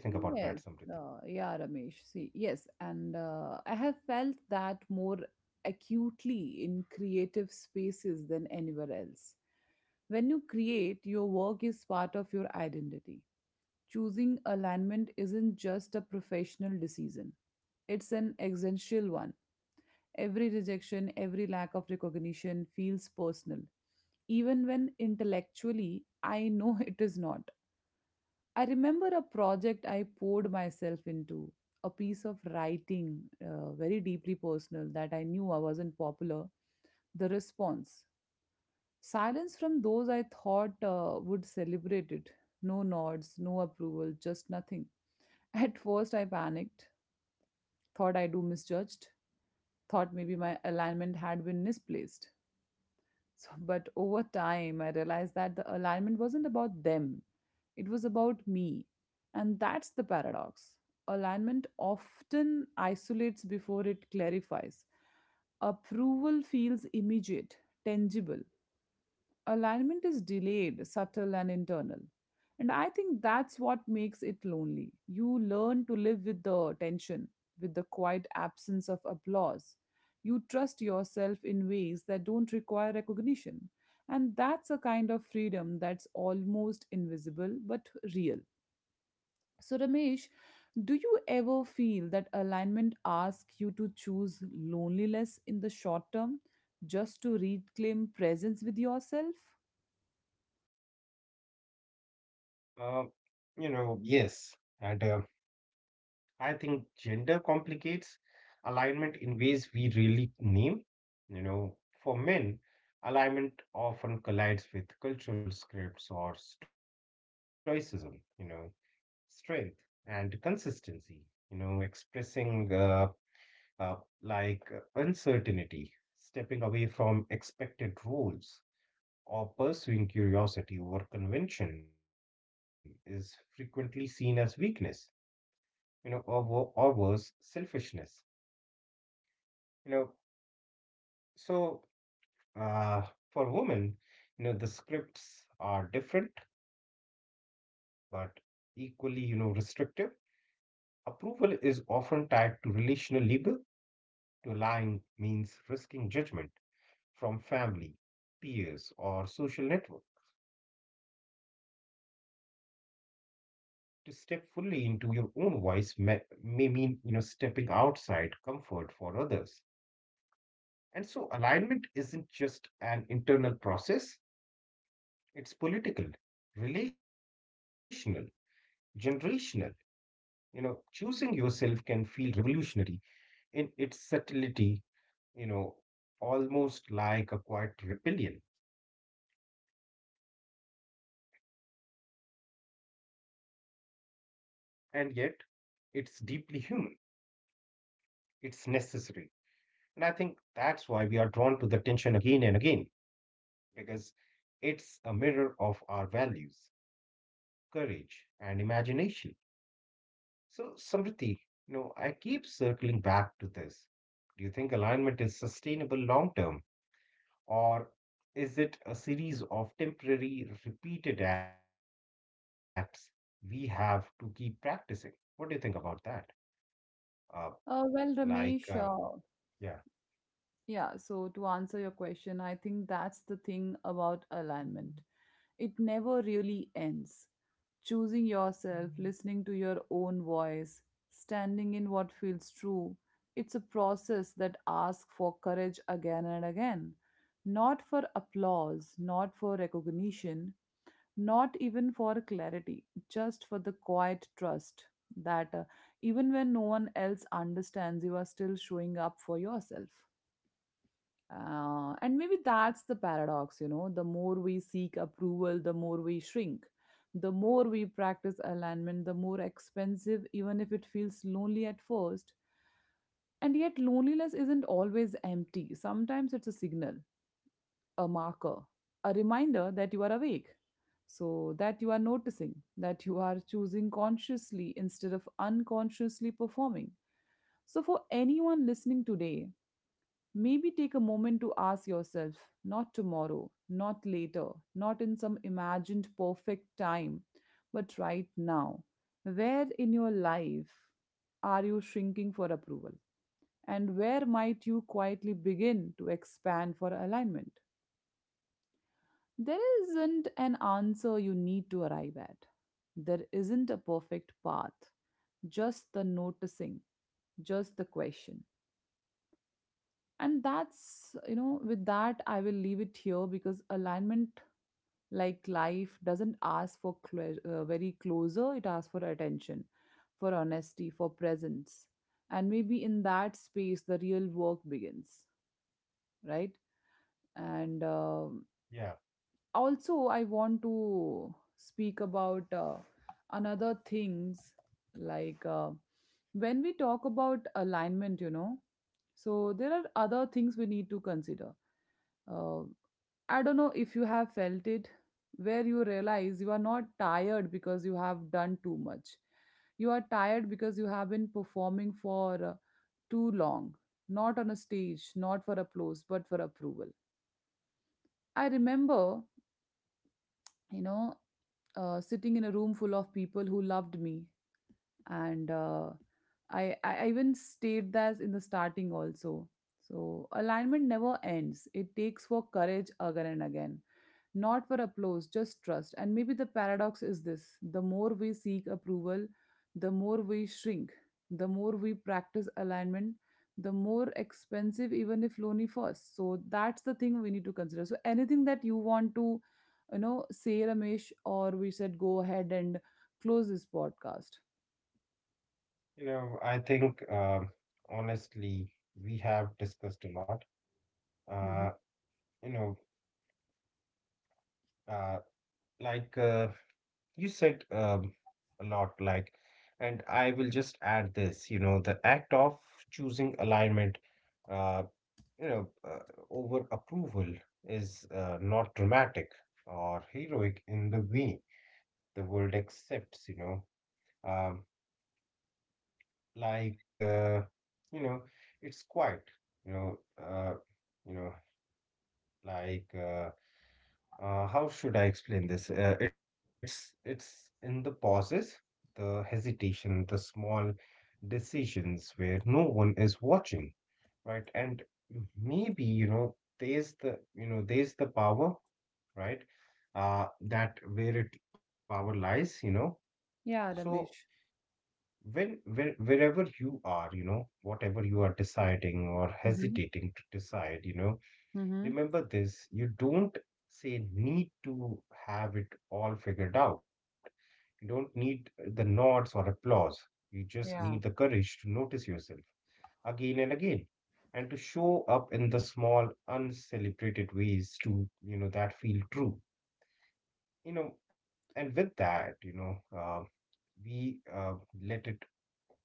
[SPEAKER 2] What do you think
[SPEAKER 1] Yes,
[SPEAKER 2] about that, Samriddhi?
[SPEAKER 1] yeah, Ramesh. See, yes, and I have felt that more acutely in creative spaces than anywhere else. When you create, your work is part of your identity. Choosing alignment isn't just a professional decision, it's an existential one. Every rejection, every lack of recognition feels personal, even when intellectually I know it is not. I remember a project I poured myself into, a piece of writing, very deeply personal, that I knew I wasn't popular. The response: silence from those I thought would celebrate it. No nods, no approval, just nothing. At first, I panicked, thought I do misjudged, thought maybe my alignment had been misplaced. So, but over time, I realized that the alignment wasn't about them, it was about me. And that's the paradox. Alignment often isolates before it clarifies. Approval feels immediate, tangible, alignment is delayed, subtle, and internal. And I think that's what makes it lonely. You learn to live with the tension, with the quiet absence of applause. You trust yourself in ways that don't require recognition. And that's a kind of freedom that's almost invisible but real. So, Ramesh, do you ever feel that alignment asks you to choose loneliness in the short term just to reclaim presence with yourself?
[SPEAKER 2] Uh, yes. And I think gender complicates alignment in ways we really name. You know, for men, alignment often collides with cultural scripts or stoicism, you know, strength and consistency, expressing uh, uncertainty, stepping away from expected roles, or pursuing curiosity over convention is frequently seen as weakness, or, or worse, selfishness. You know, so uh, for women, the scripts are different but equally, restrictive. Approval is often tied to relational labor. To lying means risking judgment from family, peers, or social network. To step fully into your own voice may mean stepping outside comfort for others. And so alignment isn't just an internal process, it's political, relational, generational. Choosing yourself can feel revolutionary in its subtlety, you know almost like a quiet rebellion. And yet it's deeply human, it's necessary. And I think that's why we are drawn to the tension again and again, because it's a mirror of our values, courage, and imagination. So, Samriti, I keep circling back to this. Do you think alignment is sustainable long term, or is it a series of temporary, repeated acts we have to keep practicing? What do you think about that? Uh, like,
[SPEAKER 1] Well,
[SPEAKER 2] uh,
[SPEAKER 1] Ramesh,
[SPEAKER 2] yeah,
[SPEAKER 1] yeah, so to answer your question, I think that's the thing about alignment. It never really ends. Choosing yourself, listening to your own voice, standing in what feels true, it's a process that asks for courage again and again. Not for applause, not for recognition, not even for clarity, just for the quiet trust that, even when no one else understands, you are still showing up for yourself. And maybe that's the paradox, you know. The more we seek approval, the more we shrink. The more we practice alignment, the more expensive, even if it feels lonely at first. And yet, loneliness isn't always empty. Sometimes it's a signal, a marker, a reminder that you are awake, so that you are noticing, that you are choosing consciously instead of unconsciously performing. So, for anyone listening today, maybe take a moment to ask yourself, not tomorrow, not later, not in some imagined perfect time, but right now. Where in your life are you shrinking for approval? And where might you quietly begin to expand for alignment? There isn't an answer you need to arrive at. There isn't a perfect path, just the noticing, just the question. And that's, you know, with that, I will leave it here because alignment, like life, doesn't ask for very closer, it asks for attention, for honesty, for presence. And maybe in that space, the real work begins, right? And
[SPEAKER 2] yeah.
[SPEAKER 1] also I want to speak about another things like uh, when we talk about alignment, you know, so there are other things we need to consider. Uh, i don't know if you have felt it, where you realize you are not tired because you have done too much. You are tired because you have been performing for too long, not on a stage, not for applause, but for approval. I remember, you know, sitting in a room full of people who loved me. And I even stayed that in the starting also. So alignment never ends. It takes for courage again and again, not for applause, just trust. And maybe the paradox is this: the more we seek approval, the more we shrink, the more we practice alignment, the more expensive, even if lonely first. So that's the thing we need to consider. So anything that you want to, you know, say, Ramesh, or we said go ahead and close this podcast.
[SPEAKER 2] I think honestly, we have discussed a lot. Uh,
[SPEAKER 1] Mhm.
[SPEAKER 2] you know, uh, Like uh, you said a lot, like, and I will just add this, the act of choosing alignment, uh, you know, uh, over approval is not dramatic or heroic in the way the world accepts, um, like, uh, you know, it's quite, you know, uh, you know, like. Uh, how should I explain this? It's in the pauses, the hesitation, the small decisions where no one is watching, right? And maybe, there's the power, right? That where it power lies, you know.
[SPEAKER 1] Yeah,
[SPEAKER 2] So
[SPEAKER 1] Ramesh.
[SPEAKER 2] wherever you are, whatever you are deciding or
[SPEAKER 1] Hmm.
[SPEAKER 2] hesitating to decide,
[SPEAKER 1] Hmm.
[SPEAKER 2] remember this. You don't say need to have it all figured out. You don't need the nods or applause. You just need the
[SPEAKER 1] Yeah.
[SPEAKER 2] courage to notice yourself again and again and to show up in the small uncelebrated ways to that feel true, and with that, we let it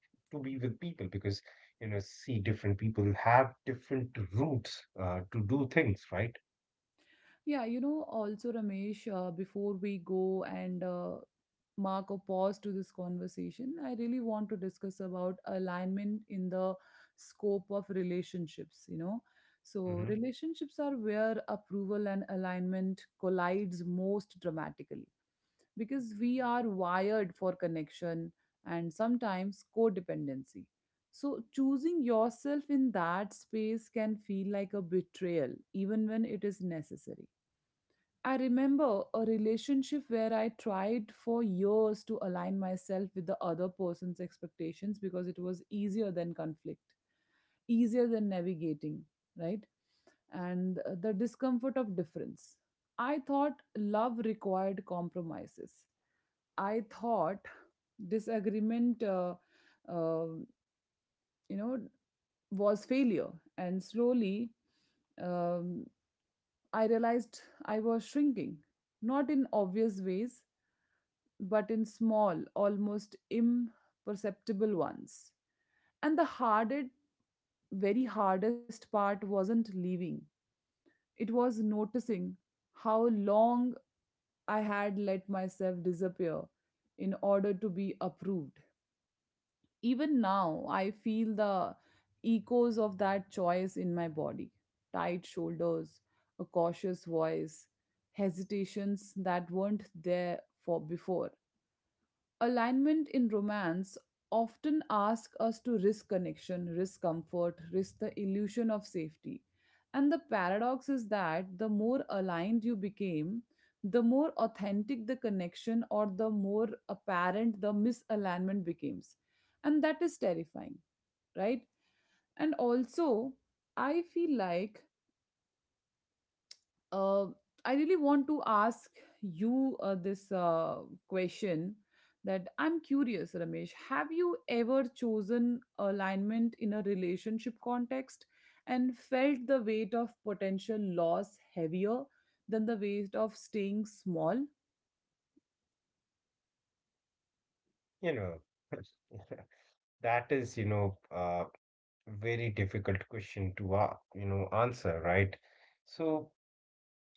[SPEAKER 2] to be with people because see, different people have different routes to do things, right?
[SPEAKER 1] Yeah, you know, also Ramesh, before we go and mark a pause to this conversation, I really want to discuss about alignment in the scope of relationships, you know.
[SPEAKER 2] Hmm.
[SPEAKER 1] So relationships are where approval and alignment collides most dramatically because we are wired for connection and sometimes codependency. So choosing yourself in that space can feel like a betrayal even when it is necessary. I remember a relationship where I tried for years to align myself with the other person's expectations because it was easier than conflict, easier than navigating, right? And the discomfort of difference. I thought love required compromises. I thought disagreement, uh, you know, was failure. And slowly, um, I realized I was shrinking, not in obvious ways, but in small, almost imperceptible ones. And the hardest, very hardest part wasn't leaving, it was noticing how long I had let myself disappear in order to be approved. Even now, I feel the echoes of that choice in my body: tight shoulders, a cautious voice, hesitations that weren't there for before. Alignment in romance often ask us to risk connection, risk comfort, risk the illusion of safety. And the paradox is that the more aligned you became, the more authentic the connection or the more apparent the misalignment becomes. And that is terrifying, right? And also, I feel like uh, I really want to ask you this question, that I'm curious, Ramesh. Have you ever chosen alignment in a relationship context and felt the weight of potential loss heavier than the weight of staying small?
[SPEAKER 2] You know, that is very difficult question to, answer, right? So,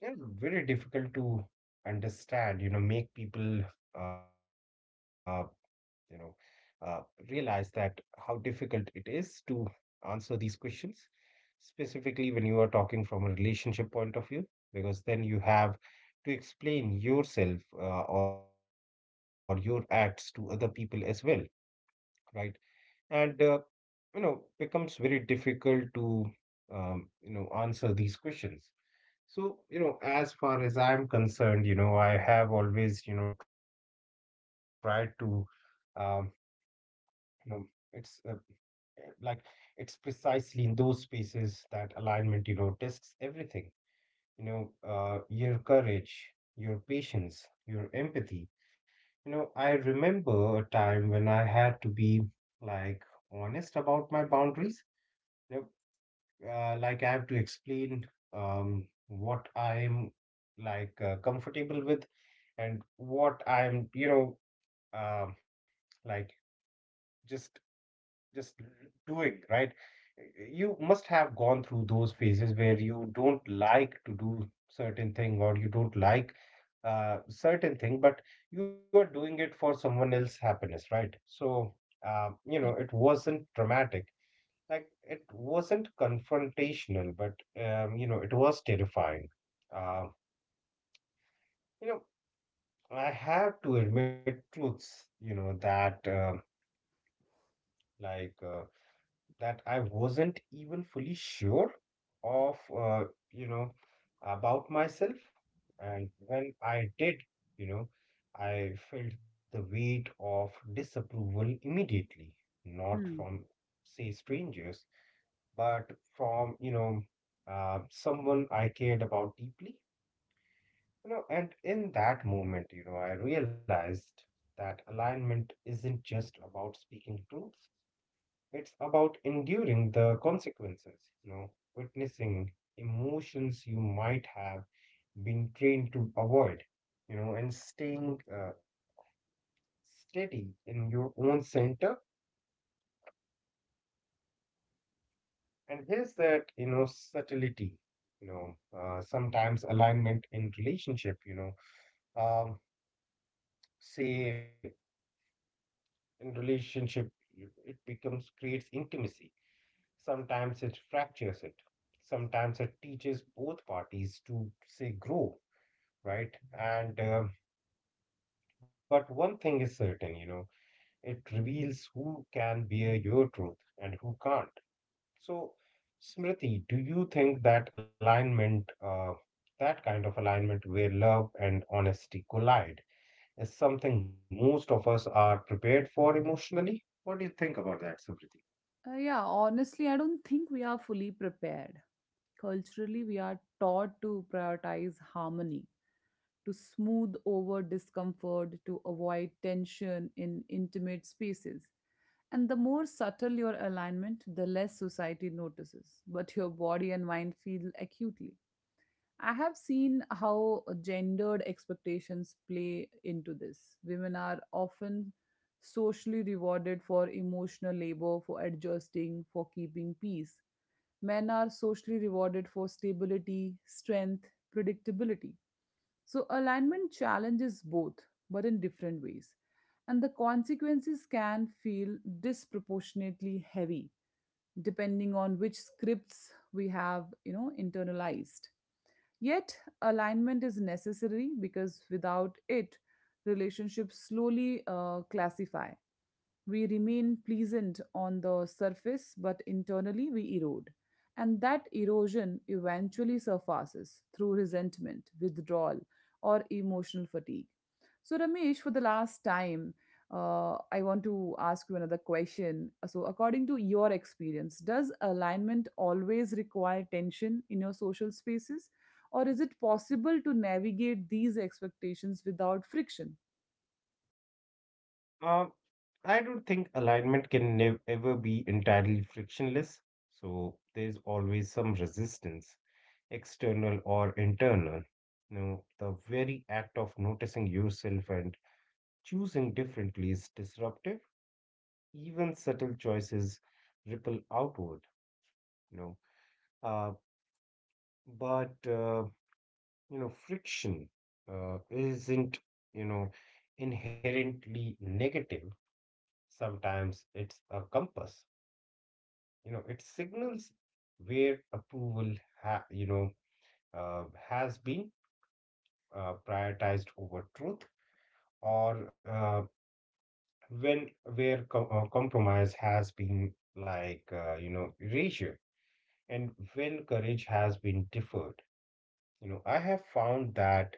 [SPEAKER 2] yeah, very difficult to understand, make people, uh, you know, uh, realize that how difficult it is to answer these questions, specifically when you are talking from a relationship point of view, because then you have to explain yourself or your acts to other people as well, right? And becomes very difficult to answer these questions. So, as far as I'm concerned, I have always tried to. um, you know it's uh, like it's precisely in those spaces that alignment, tests everything, your courage, your patience, your empathy. I remember a time when I had to be, like, honest about my boundaries. Now, like, I have to explain, what I'm, like, comfortable with, and what I'm, um, like, just just doing, right? You must have gone through those phases where you don't like to do certain thing or you don't like certain thing, but you are doing it for someone else's happiness, right? So,
[SPEAKER 1] Yeah.
[SPEAKER 2] it wasn't dramatic, like it wasn't confrontational, but it was terrifying. Um, you know, I had to admit truths, that like uh, I wasn't even fully sure of, you know, about myself. And when I did, you know, I felt the weight of disapproval immediately, not
[SPEAKER 1] Hmm.
[SPEAKER 2] from, say, strangers, but from, someone I cared about deeply. And in that moment, I realized that alignment isn't just about speaking truth; it's about enduring the consequences. Witnessing emotions you might have been trained to avoid. And staying steady in your own center. And here's that, subtlety. Sometimes alignment in relationship, um, say in relationship, it becomes creates intimacy. Sometimes it fractures it. Sometimes it teaches both parties to say grow, right? And but one thing is certain, it reveals who can bear your truth and who can't. So, Smriti, do you think that alignment, that kind of alignment where love and honesty collide, is something most of us are prepared for emotionally? What do you think about that, Smriti?
[SPEAKER 1] Yeah, honestly, I don't think we are fully prepared. Culturally, we are taught to prioritize harmony, to smooth over discomfort, to avoid tension in intimate spaces. And the more subtle your alignment, the less society notices, but your body and mind feel acutely. I have seen how gendered expectations play into this. Women are often socially rewarded for emotional labor, for adjusting, for keeping peace. Men are socially rewarded for stability, strength, predictability. So, alignment challenges both, but in different ways. And the consequences can feel disproportionately heavy depending on which scripts we have, you know, internalized. Yet, alignment is necessary because without it, relationships slowly classify. We remain pleasant on the surface, but internally we erode. And that erosion eventually surfaces through resentment, withdrawal, or emotional fatigue. So, Ramesh, for the last time, I want to ask you another question. So, according to your experience, does alignment always require tension in your social spaces, or is it possible to navigate these expectations without friction?
[SPEAKER 2] Uh, I don't think alignment can ever be entirely frictionless. So, there's always some resistance, external or internal. Now, the very act of noticing yourself and choosing differently is disruptive, even subtle choices ripple outward, you know. Uh, but, uh, Friction isn't, you know, inherently negative. Sometimes it's a compass, it signals where approval, ha- you know, has been prioritized over truth, or when, where compromise has been, erasure, and when courage has been deferred. I have found that,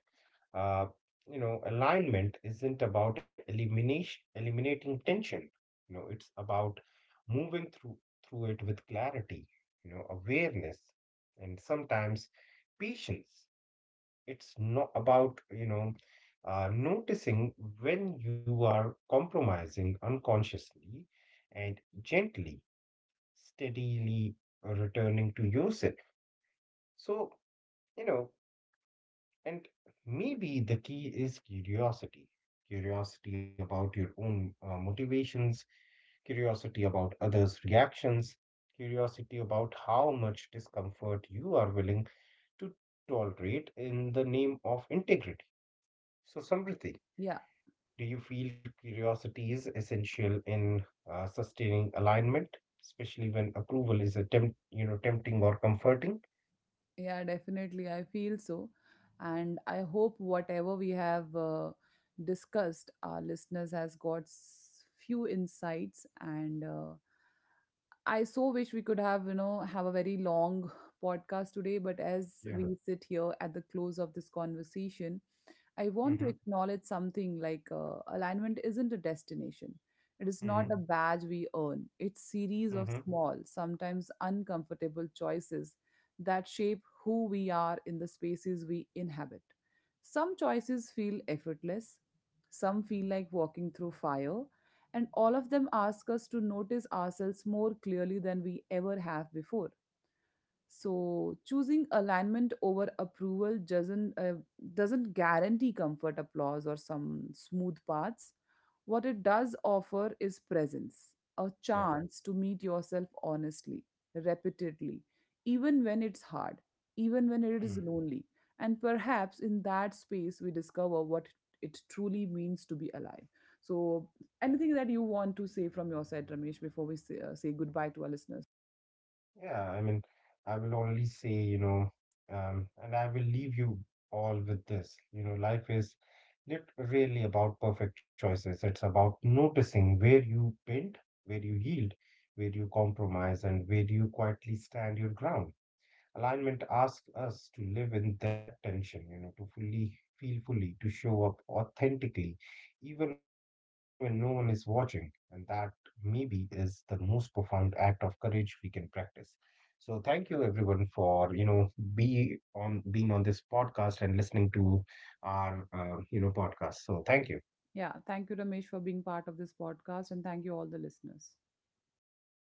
[SPEAKER 2] uh, alignment isn't about elimination eliminating tension. It's about moving through it with clarity, awareness, and sometimes patience. It's not about, noticing when you are compromising unconsciously, and gently, steadily returning to yourself. So you know. And maybe the key is curiosity. Curiosity about your own motivations, curiosity about others' reactions, curiosity about how much discomfort you are willing to tolerate in the name of integrity. So, Samriti,
[SPEAKER 1] Yeah.
[SPEAKER 2] do you feel curiosity is essential in sustaining alignment, especially when approval is a tempting or comforting?
[SPEAKER 1] Yeah, definitely. I feel so. And I hope whatever we have discussed, our listeners has got few insights. And I so wish we could have, you know, have a very long podcast today. But as
[SPEAKER 2] Yeah.
[SPEAKER 1] we sit here at the close of this conversation, I want to
[SPEAKER 2] Mm-hmm.
[SPEAKER 1] acknowledge something like, alignment isn't a destination. It is
[SPEAKER 2] Mm-hmm.
[SPEAKER 1] not a badge we earn. It's series of
[SPEAKER 2] Mm-hmm.
[SPEAKER 1] small, sometimes uncomfortable choices that shape who we are in the spaces we inhabit. Some choices feel effortless, some feel like walking through fire, and all of them ask us to notice ourselves more clearly than we ever have before. So choosing alignment over approval doesn't guarantee comfort, applause, or some smooth paths. What it does offer is presence, a
[SPEAKER 2] Yeah.
[SPEAKER 1] chance to meet yourself honestly, repeatedly, even when it's hard, even when it is
[SPEAKER 2] Mm,
[SPEAKER 1] lonely, and perhaps in that space we discover what it truly means to be alive. So,
[SPEAKER 2] yeah.
[SPEAKER 1] anything that you want to say from your side, Ramesh, before we say goodbye to our listeners?
[SPEAKER 2] Yeah, I mean, I will only say, and I will leave you all with this. Life is not really about perfect choices. It's about noticing where you bend, where you yield, where you compromise, and where you quietly stand your ground. Alignment asks us to live in that tension, to fully feel fully, to show up authentically, even when no one is watching. And that maybe is the most profound act of courage we can practice. So thank you everyone for, be on being on this podcast and listening to our, podcast. So thank you.
[SPEAKER 1] Yeah, thank you, Ramesh, for being part of this podcast, and thank you, all the listeners.
[SPEAKER 2] Yeah, thank you.